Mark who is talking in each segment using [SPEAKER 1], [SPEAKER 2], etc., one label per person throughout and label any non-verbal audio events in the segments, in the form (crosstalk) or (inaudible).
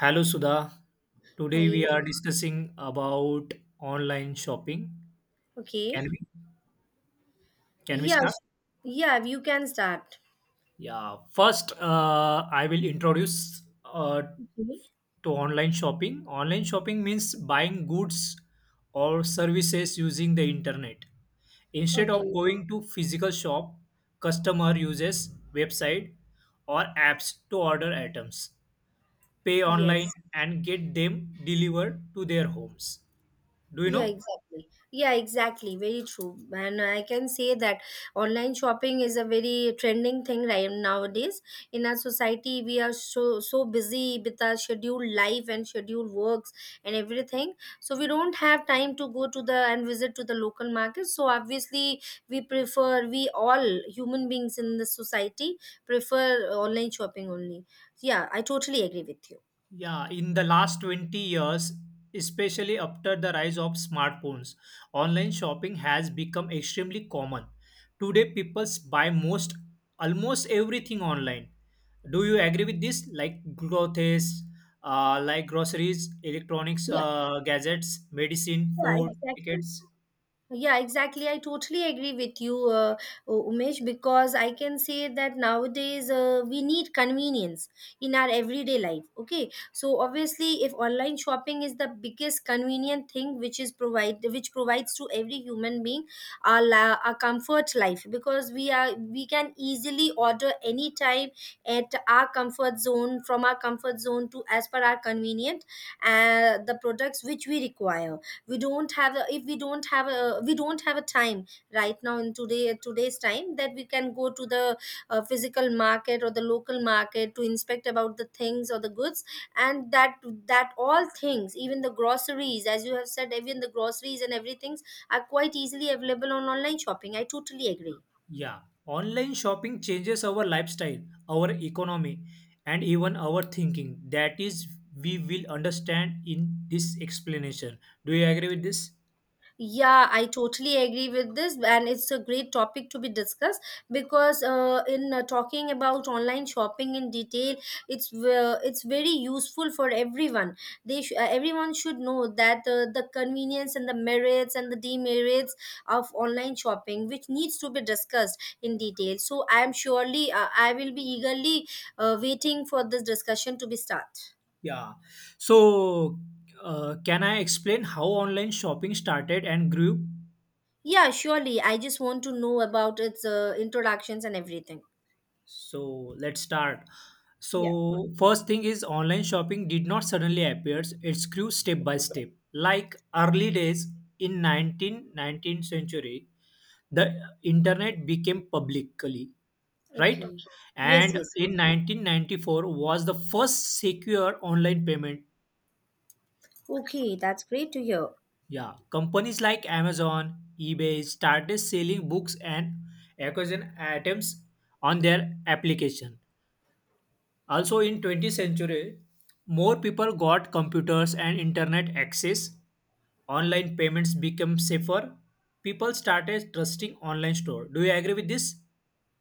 [SPEAKER 1] Hello Sudha. Today
[SPEAKER 2] Hi.
[SPEAKER 1] we are discussing about online shopping.
[SPEAKER 2] Okay.
[SPEAKER 1] Can we can we
[SPEAKER 2] Yeah.
[SPEAKER 1] start?
[SPEAKER 2] Yeah, you can start.
[SPEAKER 1] Yeah. First, I will introduce
[SPEAKER 2] Okay.
[SPEAKER 1] to online shopping. Online shopping means buying goods or services using the internet. Instead of
[SPEAKER 2] Okay.
[SPEAKER 1] going to physical shop, customer uses website or apps to order items, pay online,
[SPEAKER 2] Yes.
[SPEAKER 1] and get them delivered to their homes. Do you
[SPEAKER 2] Yeah,
[SPEAKER 1] know?
[SPEAKER 2] exactly. Yeah, exactly. Very true. And I can say that online shopping is a very trending thing right nowadays. In our society, we are so busy with our scheduled life and scheduled works and everything. So we don't have time to go to the and visit to the local market. So obviously, we all human beings in the society prefer online shopping only. Yeah, I totally agree with you.
[SPEAKER 1] Yeah, in the last 20 years, especially after the rise of smartphones, online shopping has become extremely common. Today, people buy most almost everything online. Do you agree with this? Like clothes, like groceries, electronics,
[SPEAKER 2] Yeah,
[SPEAKER 1] gadgets, medicine,
[SPEAKER 2] yeah,
[SPEAKER 1] food,
[SPEAKER 2] exactly.
[SPEAKER 1] tickets.
[SPEAKER 2] Yeah, exactly. I totally agree with you, Umesh, because I can say that nowadays we need convenience in our everyday life. Okay, so obviously, if online shopping is the biggest convenient thing which provides to every human being our comfort life, because we can easily order anytime at our comfort zone, from our comfort zone, to as per our convenient, the products which we require. We don't have a, if we don't have a, we don't have a time right now in today's time, that we can go to the physical market or the local market to inspect about the things or the goods, and that all things, even the groceries, as you have said, even the groceries and everything are quite easily available on online shopping. I totally agree.
[SPEAKER 1] Yeah, online shopping changes our lifestyle, our economy, and even our thinking. That is, we will understand in this explanation. Do you agree with this?
[SPEAKER 2] Yeah, I totally agree with this, and it's a great topic to be discussed because in talking about online shopping in detail, it's very useful for everyone. Everyone should know that the convenience and the merits and the demerits of online shopping, which needs to be discussed in detail. So I am surely, I will be eagerly waiting for this discussion to be start.
[SPEAKER 1] Yeah. So, can I explain how online shopping started and grew?
[SPEAKER 2] Yeah, surely. I just want to know about its introductions and everything.
[SPEAKER 1] So, let's start.
[SPEAKER 2] Yeah.
[SPEAKER 1] So, first thing is online shopping did not suddenly appear, it grew step by step. Like early days in 19th century, the internet became publicly right,
[SPEAKER 2] Okay. Yes,
[SPEAKER 1] and
[SPEAKER 2] yes.
[SPEAKER 1] in 1994 was the first secure online payment.
[SPEAKER 2] Okay, that's great to hear.
[SPEAKER 1] Yeah, companies like Amazon, eBay started selling books and acquisition items on their application. Also, in 20th century, more people got computers and internet access. Online payments became safer. People started trusting online store. Do you agree with this?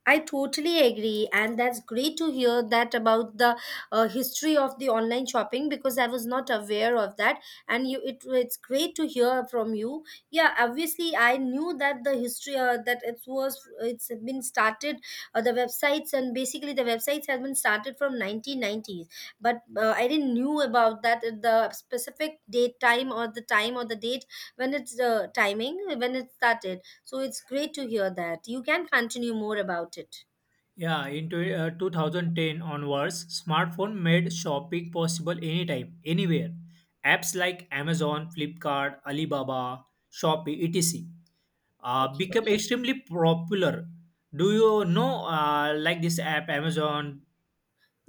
[SPEAKER 2] I totally agree, and that's great to hear that about the history of the online shopping, because I was not aware of that. And you, it, it's great to hear from you. Yeah, obviously, I knew that the history, that it's been started. The websites, and basically the websites have been started from 1990s, but I didn't knew about that, the specific date, time or the date, when it's timing when it started. So it's great to hear that. You can continue more about it.
[SPEAKER 1] Yeah, in 2010 onwards, smartphone made shopping possible anytime, anywhere. Apps like Amazon, Flipkart, Alibaba, Shopee, etc.,
[SPEAKER 2] Okay.
[SPEAKER 1] become extremely popular. Do you know like this app Amazon,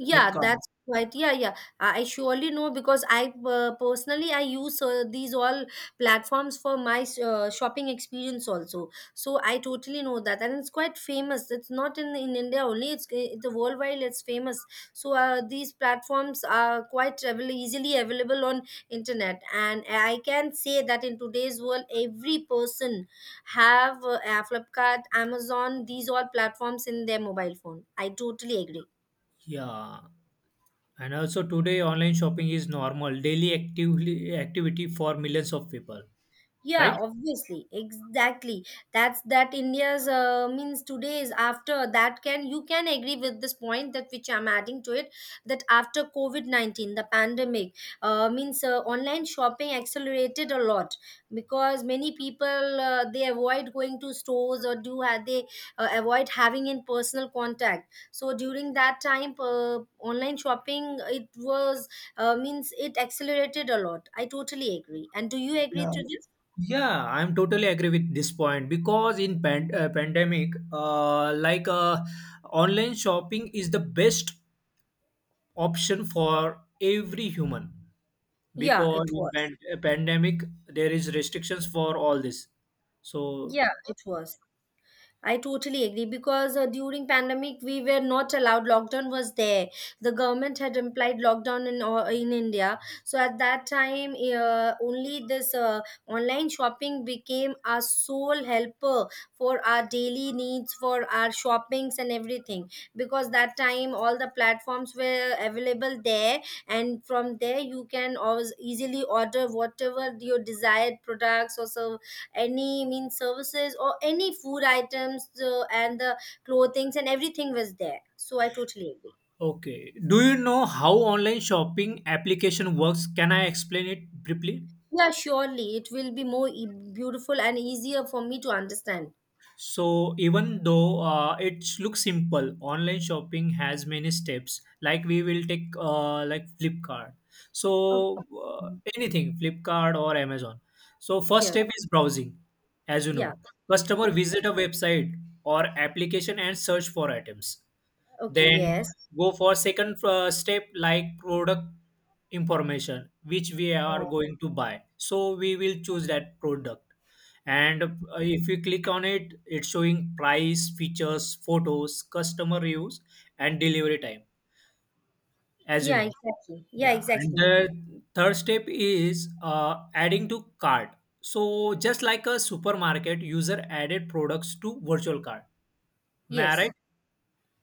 [SPEAKER 2] Yeah,
[SPEAKER 1] Flipkart?
[SPEAKER 2] that's quite. Yeah, yeah. I surely know, because I personally I use, these all platforms for my shopping experience also. So I totally know that, and it's quite famous. It's not in India only; it's, the worldwide. It's famous. So these platforms are quite easily available on internet, and I can say that in today's world, every person have Flipkart, Amazon, these all platforms in their mobile phone. I totally agree.
[SPEAKER 1] Yeah. And also today online shopping is normal daily actively activity for millions of people,
[SPEAKER 2] Yeah,
[SPEAKER 1] right?
[SPEAKER 2] obviously, exactly. That's that India's, means today's. After that, can you can agree with this point that which I'm adding to it, that after COVID COVID-19, the pandemic, means, online shopping accelerated a lot, because many people, they avoid going to stores or do have they, avoid having in personal contact. So during that time, online shopping, it was, means it accelerated a lot. I totally agree. And do you agree
[SPEAKER 1] Yeah.
[SPEAKER 2] to this?
[SPEAKER 1] Yeah, I'm totally agree with this point because in pandemic, like online shopping is the best option for every human,
[SPEAKER 2] Yeah,
[SPEAKER 1] because
[SPEAKER 2] it
[SPEAKER 1] in
[SPEAKER 2] was.
[SPEAKER 1] pandemic there is restrictions for all this. So
[SPEAKER 2] Yeah, it was. I totally agree because during pandemic we were not allowed. Lockdown was there. The government had implied lockdown in, in India. So at that time, only this online shopping became our sole helper for our daily needs, for our shoppings and everything. Because that time all the platforms were available there, and from there you can always easily order whatever your desired products or so, any mean services or any food items, and the clothings and everything was there. So I totally agree.
[SPEAKER 1] okay, do you know how online shopping application works? Can I explain it briefly?
[SPEAKER 2] Yeah, surely. It will be more beautiful and easier for me to understand.
[SPEAKER 1] So even though it looks simple, online shopping has many steps. Like we will take like Flipkart. So
[SPEAKER 2] Okay.
[SPEAKER 1] anything Flipkart or Amazon. So first
[SPEAKER 2] Yeah.
[SPEAKER 1] step is browsing, as you
[SPEAKER 2] Yeah.
[SPEAKER 1] know. Customer
[SPEAKER 2] Okay.
[SPEAKER 1] visit a website or application and search for items,
[SPEAKER 2] Okay.
[SPEAKER 1] then
[SPEAKER 2] Yes.
[SPEAKER 1] go for second step, like product information which we are going to buy, so we will choose that product. And if you click on it, it's showing price, features, photos, customer reviews, and delivery time, as you
[SPEAKER 2] Yeah,
[SPEAKER 1] know.
[SPEAKER 2] exactly. Yeah,
[SPEAKER 1] Yeah, and
[SPEAKER 2] exactly.
[SPEAKER 1] the third step is adding to cart. So just like a supermarket, user added products to virtual cart. Am I right?
[SPEAKER 2] Yes.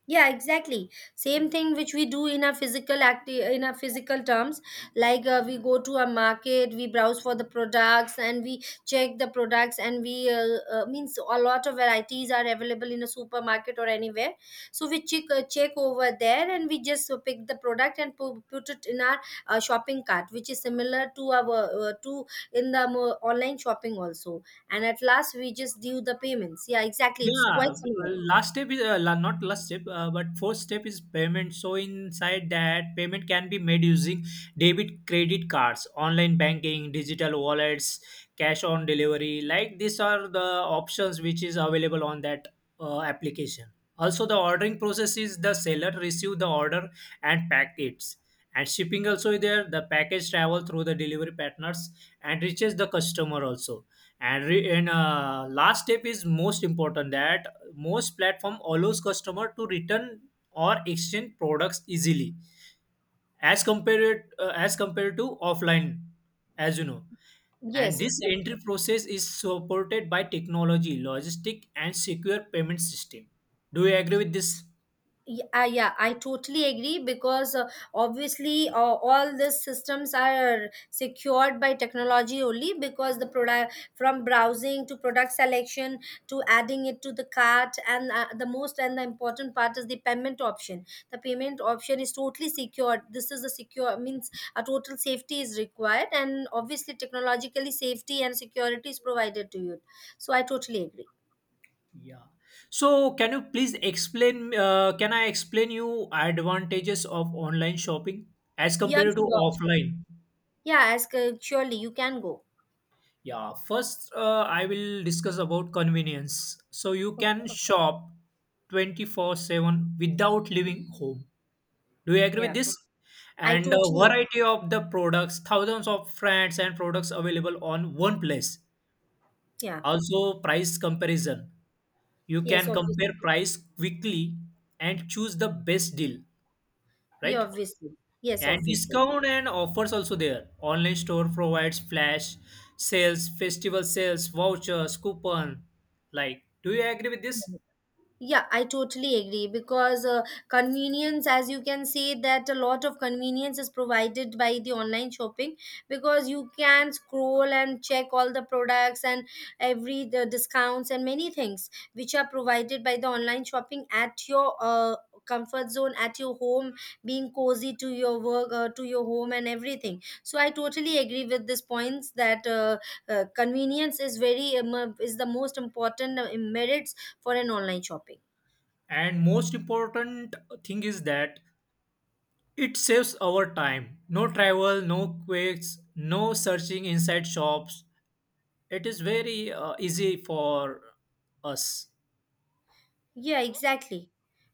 [SPEAKER 2] Yeah, exactly, same thing which we do in our in our physical terms. Like, we go to a market, we browse for the products, and we check the products, and we, means a lot of varieties are available in a supermarket or anywhere. So we check, check over there, and we just, pick the product and put it in our, shopping cart, which is similar to our, to, in the online shopping also. And at last, we just do the payments. Yeah, exactly, it's
[SPEAKER 1] Yeah,
[SPEAKER 2] quite similar.
[SPEAKER 1] last step is not last step, but fourth step is payment. So inside that, payment can be made using debit, credit cards, online banking, digital wallets, cash on delivery. Like these are the options which is available on that application. Also, the ordering process is the seller receive the order and pack it, and shipping also is there. The package travel through the delivery partners and reaches the customer also. And re- and Last step is most important, that most platform allows customer to return or exchange products easily as compared to offline, as you know. And
[SPEAKER 2] Yes,
[SPEAKER 1] this
[SPEAKER 2] exactly.
[SPEAKER 1] entry process is supported by technology, logistic, and secure payment system. Do you agree with this?
[SPEAKER 2] Yeah, yeah, I totally agree, because, obviously, all these systems are secured by technology only, because the product, from browsing to product selection to adding it to the cart, and, the most and the important part is the payment option. The payment option is totally secured. This is a secure, means a total safety is required, and obviously technologically safety and security is provided to you. So I totally agree.
[SPEAKER 1] Yeah. So, can you please explain? Can I explain you advantages of online shopping as
[SPEAKER 2] Yeah,
[SPEAKER 1] compared to
[SPEAKER 2] sure. Sure.
[SPEAKER 1] offline?
[SPEAKER 2] Yeah, as, surely you can go.
[SPEAKER 1] Yeah, first I will discuss about convenience. So you can
[SPEAKER 2] Okay.
[SPEAKER 1] shop 24/7 without leaving home. Do you agree with
[SPEAKER 2] Yeah,
[SPEAKER 1] this?
[SPEAKER 2] I
[SPEAKER 1] And a
[SPEAKER 2] totally.
[SPEAKER 1] variety of the products, thousands of brands and products available on one place.
[SPEAKER 2] Yeah.
[SPEAKER 1] Also, price comparison. You
[SPEAKER 2] Yes,
[SPEAKER 1] can compare
[SPEAKER 2] obviously.
[SPEAKER 1] price quickly and choose the best deal,
[SPEAKER 2] Yeah,
[SPEAKER 1] right?
[SPEAKER 2] obviously. Yes,
[SPEAKER 1] And
[SPEAKER 2] obviously.
[SPEAKER 1] discount and offers also there. Online store provides flash sales, festival sales, vouchers, coupon. Like, do you agree with this?
[SPEAKER 2] Yeah, I totally agree, because, convenience, as you can say, that a lot of convenience is provided by the online shopping, because you can scroll and check all the products, and every the discounts and many things, which are provided by the online shopping at your, comfort zone, at your home, being cozy to your work, to your home, and everything. So I totally agree with this points, that, convenience is very is the most important, merits for an online shopping.
[SPEAKER 1] And most important thing is that it saves our time. No travel, no quakes, no searching inside shops. It is very easy for us.
[SPEAKER 2] Yeah, exactly.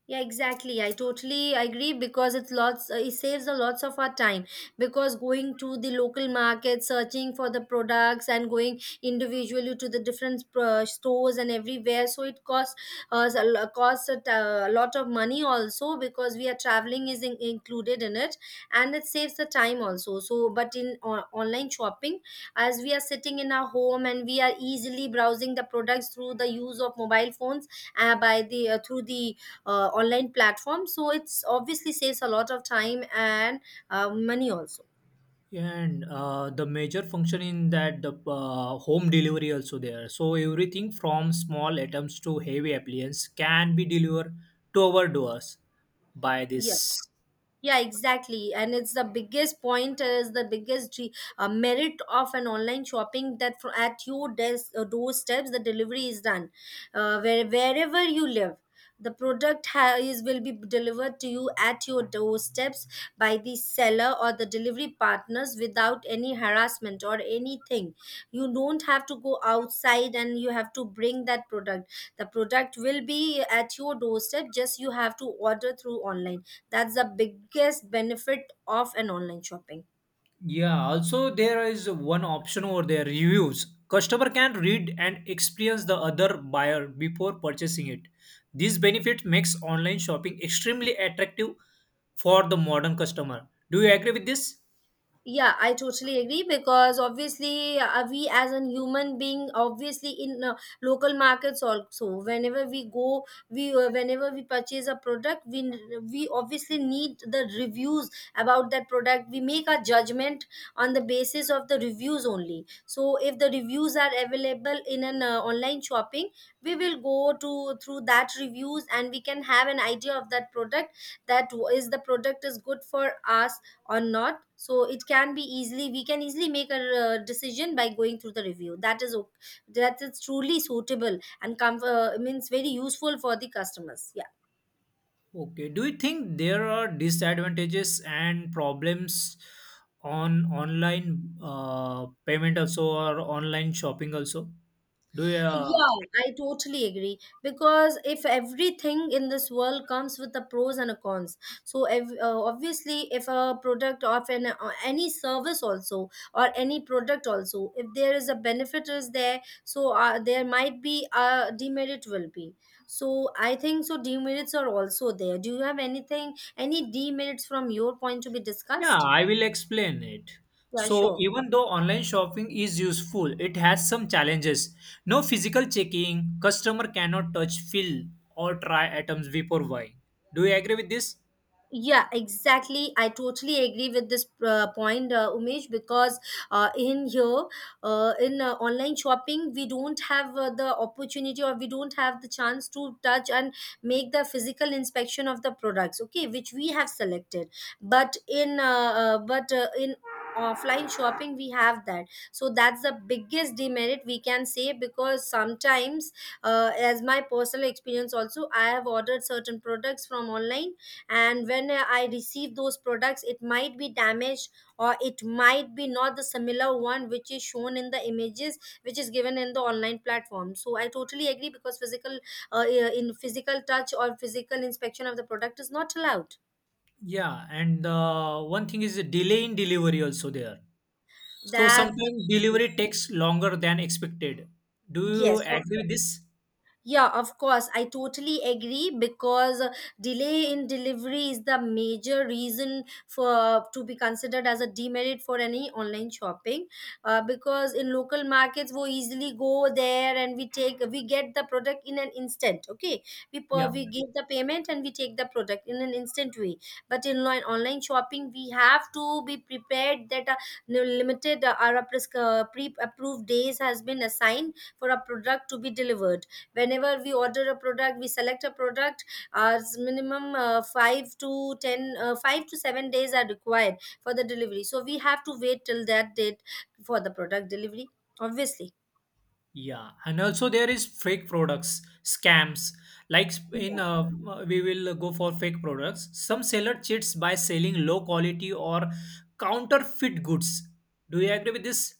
[SPEAKER 2] Yeah, exactly. I totally agree because it's lots. It saves a lots of our time, because going to the local market, searching for the products, and going individually to the different, stores and everywhere. So it costs us a costs a a lot of money also, because we are traveling is included in it, and it saves the time also. So, but in online shopping, as we are sitting in our home and we are easily browsing the products through the use of mobile phones, by the, through the, online platform, so it's obviously saves a lot of time and, money also.
[SPEAKER 1] Yeah, and the major function in that the home delivery also there. So everything from small items to heavy appliance can be delivered to our doors by
[SPEAKER 2] Yeah.
[SPEAKER 1] this.
[SPEAKER 2] Yeah, exactly. And it's the biggest point, is the biggest merit of an online shopping, that at your doorsteps the delivery is done, where, wherever you live, the is will be delivered to you at your doorsteps by the seller or the delivery partners without any harassment or anything. You don't have to go outside and you have to bring that product. The product will be at your doorstep, just you have to order through online. That's the biggest benefit of an online shopping.
[SPEAKER 1] Yeah, also there is one option over there, reviews. Customer can read and experience the other buyer before purchasing it. This benefit makes online shopping extremely attractive for the modern customer. Do you agree with this?
[SPEAKER 2] Yeah, I totally agree, because obviously, we as a human being, obviously, in, local markets also, whenever we go, we, whenever we purchase a product, we obviously need the reviews about that product. We make a judgment on the basis of the reviews only. So if the reviews are available in an, online shopping, we will go to through that reviews, and we can have an idea of that product, that is the product is good for us or not. So it can be easily, we can easily make a, decision by going through the review, that is that is truly suitable and means very useful for the customers. Yeah.
[SPEAKER 1] Okay, do you think there are disadvantages and problems on online payment also or online shopping also? Do you, uh,
[SPEAKER 2] Yeah, I totally agree, because if everything in this world comes with the pros and a cons, so obviously, if a product of an, any service also or any product also, if there is a benefit is there, so, there might be a demerit will be. So I think so demerits are also there. Do you have anything any demerits from your point to be
[SPEAKER 1] yeah,
[SPEAKER 2] discussed?
[SPEAKER 1] I will explain it.
[SPEAKER 2] Yeah,
[SPEAKER 1] So
[SPEAKER 2] sure.
[SPEAKER 1] even though online shopping is useful, it has some challenges. No physical checking, customer cannot touch, feel, or try items before buying. Do you agree with this?
[SPEAKER 2] Yeah, exactly. I totally agree with this, point, Umesh, because, in here, in, online shopping, we don't have, the opportunity, or we don't have the chance to touch and make the physical inspection of the products, okay, which we have selected. But in offline shopping we have that, so that's the biggest demerit we can say, because sometimes as my personal experience also, I have ordered certain products from online, and when I receive those products, it might be damaged or it might be not the similar one which is shown in the images, which is given in the online platform. So I totally agree because physical in physical touch or physical inspection of the product is not allowed.
[SPEAKER 1] Yeah, and one thing is the delay in delivery also there. So
[SPEAKER 2] That
[SPEAKER 1] sometimes delivery takes longer than expected. Do you
[SPEAKER 2] yes of
[SPEAKER 1] agree with this?
[SPEAKER 2] Yeah, of course. I totally agree because delay in delivery is the major reason for to be considered as a demerit for any online shopping. Because in local markets, we easily go there and we get the product in an instant. Okay,
[SPEAKER 1] Yeah.
[SPEAKER 2] we give the payment and we take the product in an instant way. But in online shopping, we have to be prepared that a limited or a pres- pre-approved days has been assigned for a product to be delivered. Whenever we order a product, we select a product, as minimum 5 to 10 5 to 7 days are required for the delivery, so we have to wait till that date for the product delivery, obviously.
[SPEAKER 1] Yeah, and also there is fake products, scams. Like sp- in, uh, we will go for fake products. Some seller cheats by selling low quality or counterfeit goods. Do you agree with this?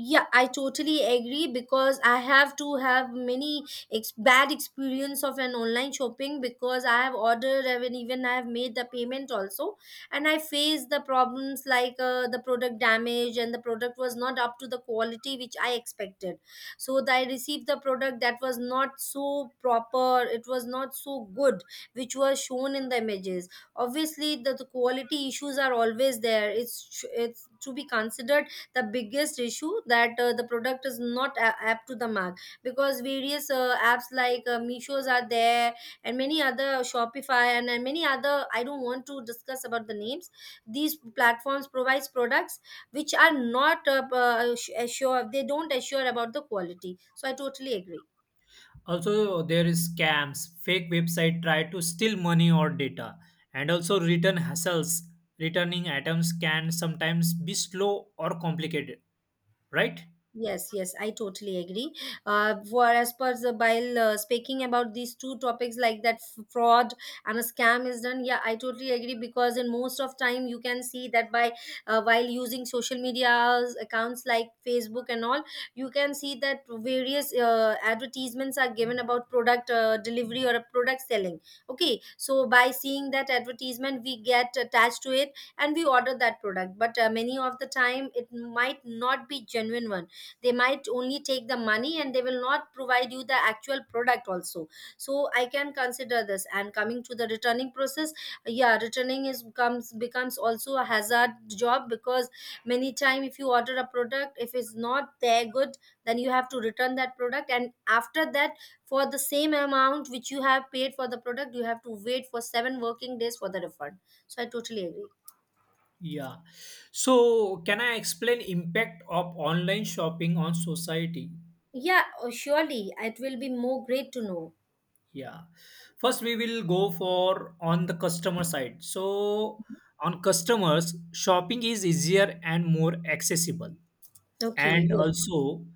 [SPEAKER 2] Yeah, I totally agree because I have to have many bad experience of an online shopping, because I have ordered and even I have made the payment also, and I faced the problems like the product damage, and the product was not up to the quality which I expected. So that I received the product that was not so proper, it was not so good, which was shown in the images. Obviously, the quality issues are always there. It's to be considered the biggest issue that the product is not up to the mark, because various apps like Misho's are there and many other Shopify and many other, I don't want to discuss about the names. These platforms provides products which are not assure they don't assure about the quality. So I totally agree.
[SPEAKER 1] Also, there is scams. Fake website try to steal money or data, and also return hassles. Returning items can sometimes be slow or complicated, right?
[SPEAKER 2] Yes, yes, I totally agree. For as per the while speaking about these two topics like fraud and a scam is done, yeah, I totally agree, because in most of time you can see that by while using social media accounts like Facebook and all, you can see that various advertisements are given about product delivery or a product selling. Okay, so by seeing that advertisement, we get attached to it and we order that product. But many of the time, it might not be genuine one. They might only take the money and they will not provide you the actual product also. So I can consider this. And coming to the returning process, yeah, returning is comes becomes also a hazard job, because many time, if you order a product, if it's not there good, then you have to return that product, and after that, for the same amount which you have paid for the product, you have to wait for 7 working days for the refund. So I totally agree.
[SPEAKER 1] Yeah. So, can I explain impact of online shopping on society?
[SPEAKER 2] Yeah, oh, surely, it will be more great to know.
[SPEAKER 1] Yeah. First, we will go for on the customer side. So, on customers, shopping is easier and more accessible.
[SPEAKER 2] Okay,
[SPEAKER 1] And
[SPEAKER 2] yeah.
[SPEAKER 1] also,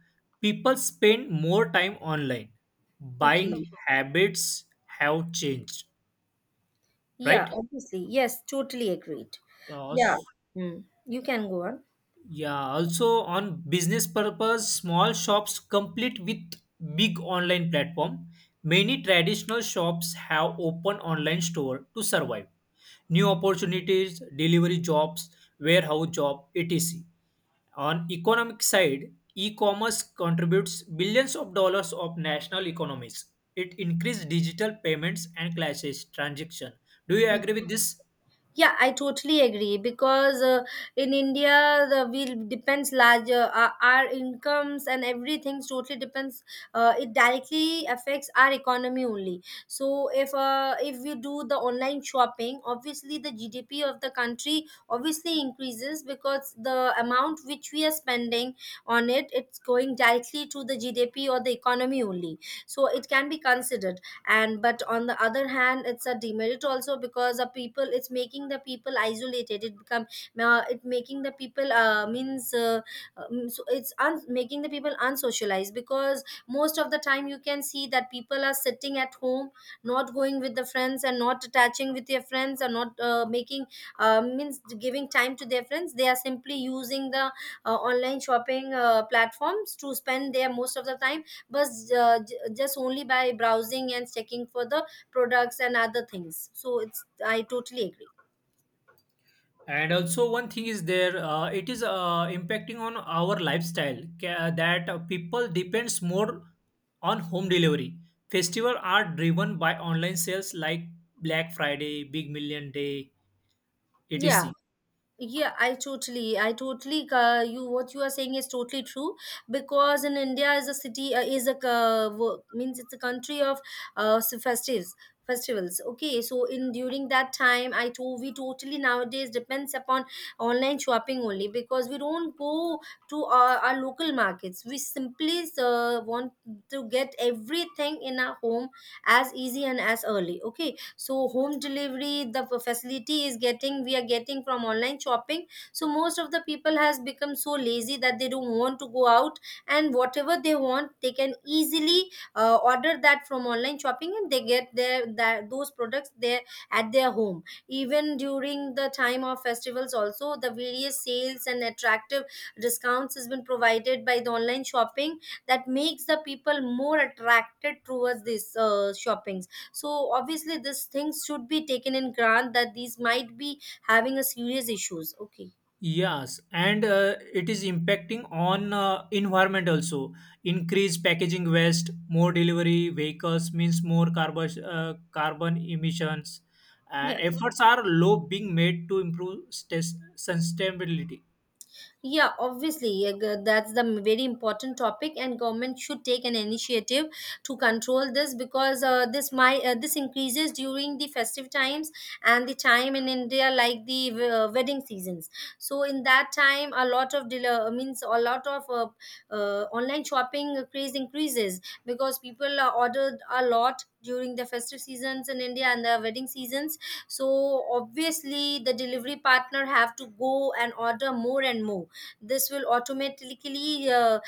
[SPEAKER 1] people spend more time online.
[SPEAKER 2] Okay.
[SPEAKER 1] Buying habits have changed,
[SPEAKER 2] Yeah,
[SPEAKER 1] right?
[SPEAKER 2] obviously. Yes, totally agreed. Yeah.
[SPEAKER 1] Yes.
[SPEAKER 2] Mm. You can go on.
[SPEAKER 1] Yeah, also on business purpose, small shops complete with big online platform. Many traditional shops have open online store to survive. New opportunities, delivery jobs, warehouse job, etc. On economic side, e-commerce contributes billions of dollars of national economies. It increased digital payments and clashes transaction. Do you agree with this?
[SPEAKER 2] Yeah, I totally agree, because in India, the we depends larger, our incomes and everything totally depends. It directly affects our economy only. So if we do the online shopping, obviously the GDP of the country obviously increases, because the amount which we are spending on it, it's going directly to the GDP or the economy only. So it can be considered. And but on the other hand, it's a demerit also, because the people, it's making the people isolated. It become it making the people means so it's un- Making the people unsocialized, because most of the time you can see that people are sitting at home, not going with the friends and not attaching with their friends, and not making means giving time to their friends. They are simply using the online shopping platforms to spend their most of the time, but just only by browsing and checking for the products and other things. So it's, I totally agree.
[SPEAKER 1] And also, one thing is there, it is impacting on our lifestyle, that people depends more on home delivery. Festival are driven by online sales like Black Friday, Big Million Day, etc.
[SPEAKER 2] Yeah. Yeah, I totally you, what you are saying is totally true, because in india is a city is a wo- means it's a country of s- festives festivals. Okay, so in during that time, I to we totally nowadays depends upon online shopping only, because we don't go to our local markets. We simply want to get everything in our home, as easy and as early. Okay, so home delivery, the facility is getting, we are getting from online shopping. So most of the people has become so lazy that they don't want to go out, and whatever they want, they can easily order that from online shopping, and they get their that those products there at their home. Even during the time of festivals also, the various sales and attractive discounts has been provided by the online shopping, that makes the people more attracted towards this shopping. So obviously these things should be taken in grant, that these might be having a serious issues. Okay.
[SPEAKER 1] Yes, and it is impacting on environment also. Increased packaging waste, more delivery vehicles means more carbon emissions.
[SPEAKER 2] Yeah.
[SPEAKER 1] Efforts are low being made to improve sustainability.
[SPEAKER 2] Yeah, obviously, that's the very important topic, and government should take an initiative to control this, because this increases during the festive times and the time in India, like the wedding seasons. So in that time, a lot of online shopping craze increases, because people are ordered a lot during the festive seasons in India and the wedding seasons. So obviously, the delivery partner have to go and order more and more. This will automatically l-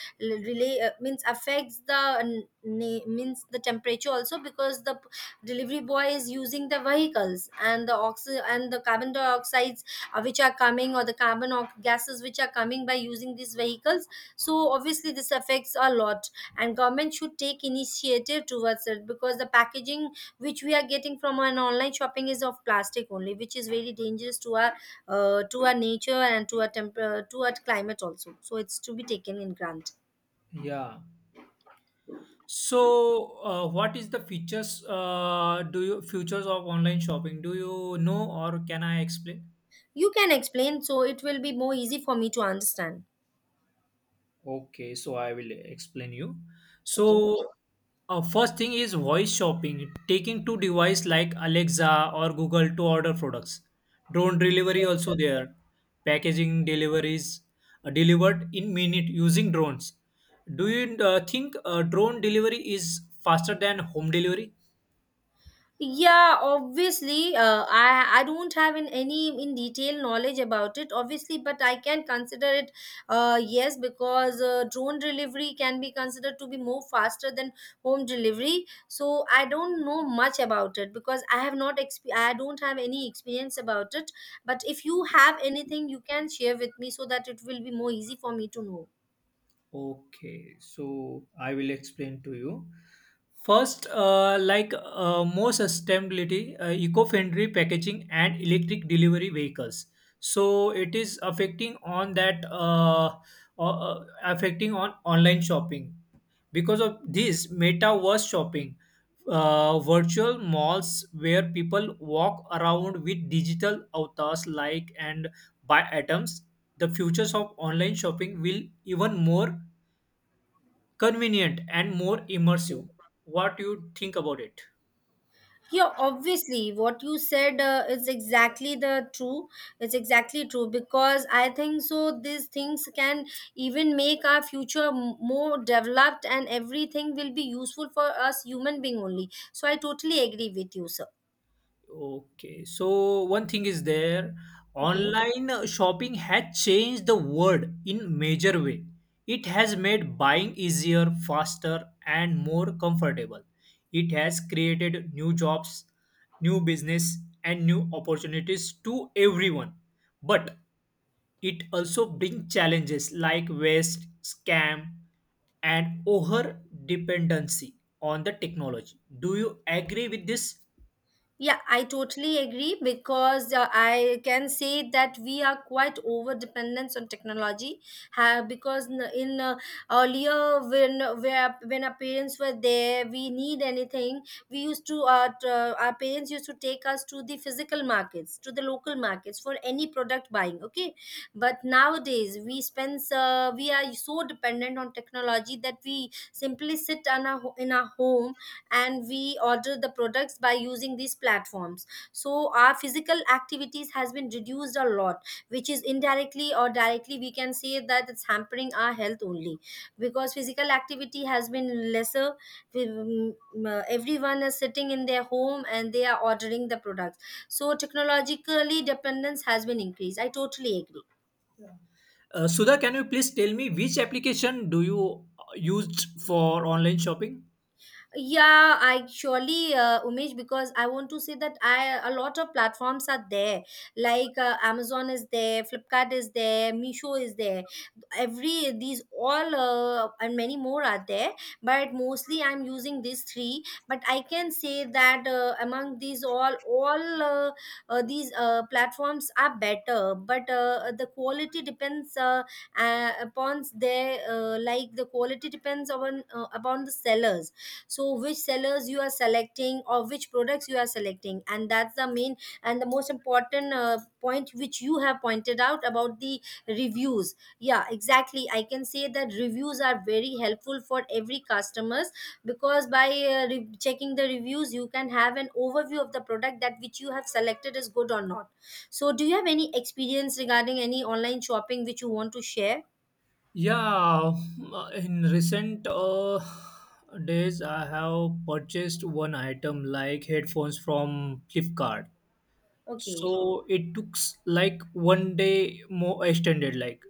[SPEAKER 2] relay means affects the means the temperature also, because delivery boy is using the vehicles, and the carbon dioxides which are coming, or the gases which are coming by using these vehicles. So obviously this affects a lot, and government should take initiative towards it, because the packaging which we are getting from an online shopping is of plastic only, which is very dangerous to our nature and to our to our climate also. So it's to be taken in grant.
[SPEAKER 1] Yeah. So, what is the features? Do you futures of online shopping? Do you know, or can I explain?
[SPEAKER 2] You can explain, so it will be more easy for me to understand.
[SPEAKER 1] Okay, so I will explain you.
[SPEAKER 2] Okay.
[SPEAKER 1] So, first thing is voice shopping, taking two device like Alexa or Google to order products. Drone delivery also there. Packaging deliveries delivered in minute using drones. Do you think drone delivery is faster than home delivery?
[SPEAKER 2] Yeah, obviously, I don't have in any in detail knowledge about it, obviously, but I can consider it, yes, because drone delivery can be considered to be more faster than home delivery. So I don't know much about it, because I don't have any experience about it. But if you have anything, you can share with me, so that it will be more easy for me to know.
[SPEAKER 1] Okay, so I will explain to you. First, like more sustainability, eco-friendly packaging and electric delivery vehicles. So it is affecting on online shopping. Because of this, metaverse shopping, virtual malls where people walk around with digital avatars like and buy items. The futures of online shopping will even more convenient and more immersive. What you think about it?
[SPEAKER 2] Yeah, obviously, what you said is exactly the true. It's exactly true, because I think so these things can even make our future more developed, and everything will be useful for us human being only. So I totally agree with you, sir.
[SPEAKER 1] Okay, so one thing is there,
[SPEAKER 2] Okay.
[SPEAKER 1] online shopping has changed the world in major way. It has made buying easier, faster, and more comfortable. It has created new jobs, new business, and new opportunities to everyone. But it also brings challenges like waste, scam, and over dependency on the technology. Do you agree with this?
[SPEAKER 2] Yeah, I totally agree, because I can say that we are quite over dependence on technology. Ha, because n- in earlier, when our parents were there, we need anything. We used to our parents used to take us to the physical markets, to the local markets for any product buying. Okay, but nowadays we are so dependent on technology that we simply sit on our in our home, and we order the products by using these platforms. So our physical activities has been reduced a lot, which is indirectly or directly we can say that it's hampering our health only, because physical activity has been lesser. We- mm, Everyone is sitting in their home and they are ordering the products, so technologically dependence has been increased. I totally agree.
[SPEAKER 1] Sudha, can you please tell me which application do you used for online shopping?
[SPEAKER 2] Yeah, I surely, Umesh, because I want to say that I a lot of platforms are there. Like Amazon is there, Flipkart is there, Meesho is there. Every these all and many more are there. But mostly I'm using these three. But I can say that among these all these platforms are better. But the quality depends upon their like the quality depends upon upon the sellers. So which sellers you are selecting, or which products you are selecting, and that's the main and the most important point which you have pointed out, about the reviews. Yeah, exactly, I can say that reviews are very helpful for every customers, because by checking the reviews, you can have an overview of the product, that which you have selected is good or not. So do you have any experience regarding any online shopping which you want to share?
[SPEAKER 1] Yeah, in recent days, I have purchased one item like headphones from Flipkart.
[SPEAKER 2] Okay.
[SPEAKER 1] So it took like one day more extended. Like,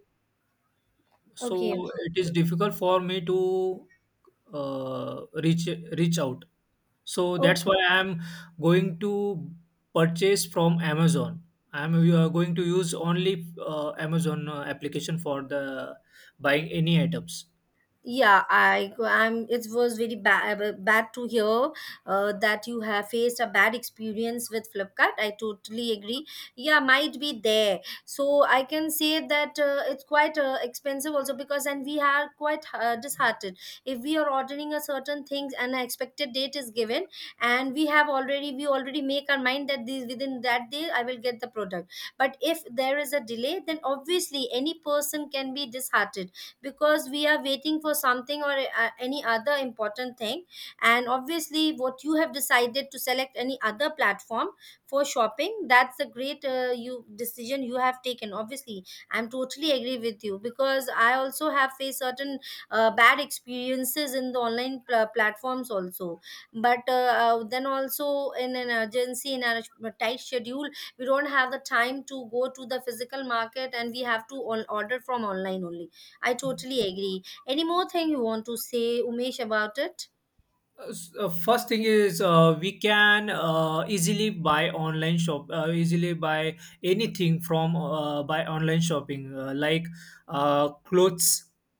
[SPEAKER 2] Okay.
[SPEAKER 1] so it is difficult for me to uh, reach reach out, so that's
[SPEAKER 2] Okay.
[SPEAKER 1] why I am going to purchase from Amazon. I am going to use only Amazon application for the buying any items.
[SPEAKER 2] Yeah, I go- I'm it was very bad to hear that you have faced a bad experience with Flipkart. I totally agree. Yeah, might be there. So I can say that it's quite expensive also, because, and we are quite disheartened, if we are ordering a certain things and an expected date is given, and we already make our mind that this within that day I will get the product. But if there is a delay, then obviously any person can be disheartened, because we are waiting for something, or any other important thing. And obviously what you have decided, to select any other platform for shopping, that's a great you decision you have taken, obviously. I'm totally agree with you, because I also have faced certain bad experiences in the online platforms also. But then also in an urgency, in a tight schedule, we don't have the time to go to the physical market, and we have to order from online only. I totally agree. Any more thing you want to say, Umesh, about it?
[SPEAKER 1] First thing is we can easily buy anything from by online shopping, like clothes,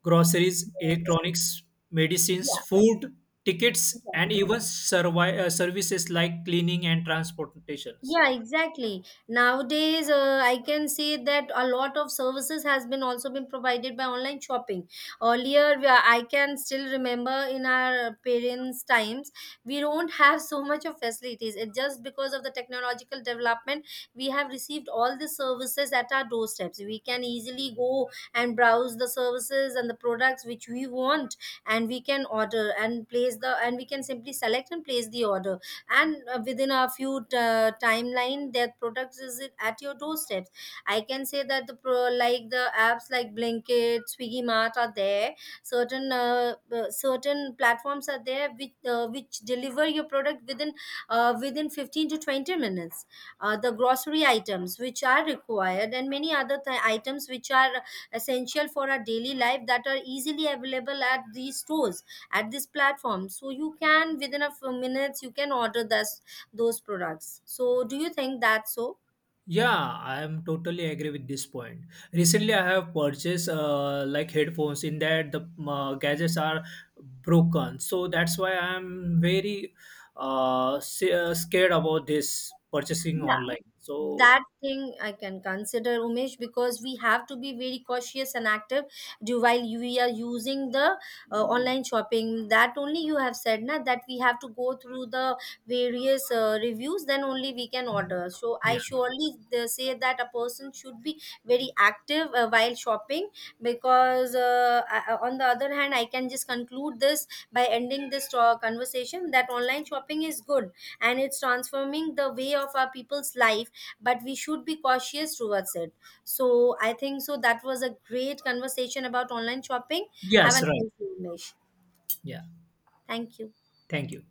[SPEAKER 1] groceries,
[SPEAKER 2] Yes.
[SPEAKER 1] electronics, medicines,
[SPEAKER 2] Yeah.
[SPEAKER 1] food, tickets,
[SPEAKER 2] Yeah.
[SPEAKER 1] and even services like cleaning and transportations.
[SPEAKER 2] Yeah, exactly, nowadays I can say that a lot of services has been also been provided by online shopping. Earlier I can still remember, in our parents times, we don't (laughs) have so much of facilities. It just because of the technological development, we have received all the services at our doorsteps. We can easily go and browse the services and the products which we want, and we can order and place the and we can simply select and place the order. And within a few timeline, their products is it at your doorsteps. I can say that like the apps like Blinkit, Swiggy Mart are there. Certain certain platforms are there which deliver your product within within 15 to 20 minutes. The grocery items which are required, and many other items which are essential for our daily life, that are easily available at these stores, at this platform. So you can, within a few minutes, you can order this those products. So do you think that's so?
[SPEAKER 1] Yeah, I am totally agree with this point. Recently, I have purchased like headphones in that the gadgets are broken, so that's why I am very scared about this purchasing online. So
[SPEAKER 2] That thing I can consider, Umesh, because we have to be very cautious and active, while we are using the online shopping. That only you have said, na, that we have to go through the various reviews, then only we can order. So I
[SPEAKER 1] yeah.
[SPEAKER 2] surely say that a person should be very active while shopping. Because on the other hand, I can just conclude this by ending this conversation that online shopping is good, and it's transforming the way of our people's life, but we should be cautious towards it. So I think so, that was a great conversation about online shopping. Have a
[SPEAKER 1] Yes, right.
[SPEAKER 2] nice day, Umesh.
[SPEAKER 1] Yeah,
[SPEAKER 2] Thank you.
[SPEAKER 1] thank you.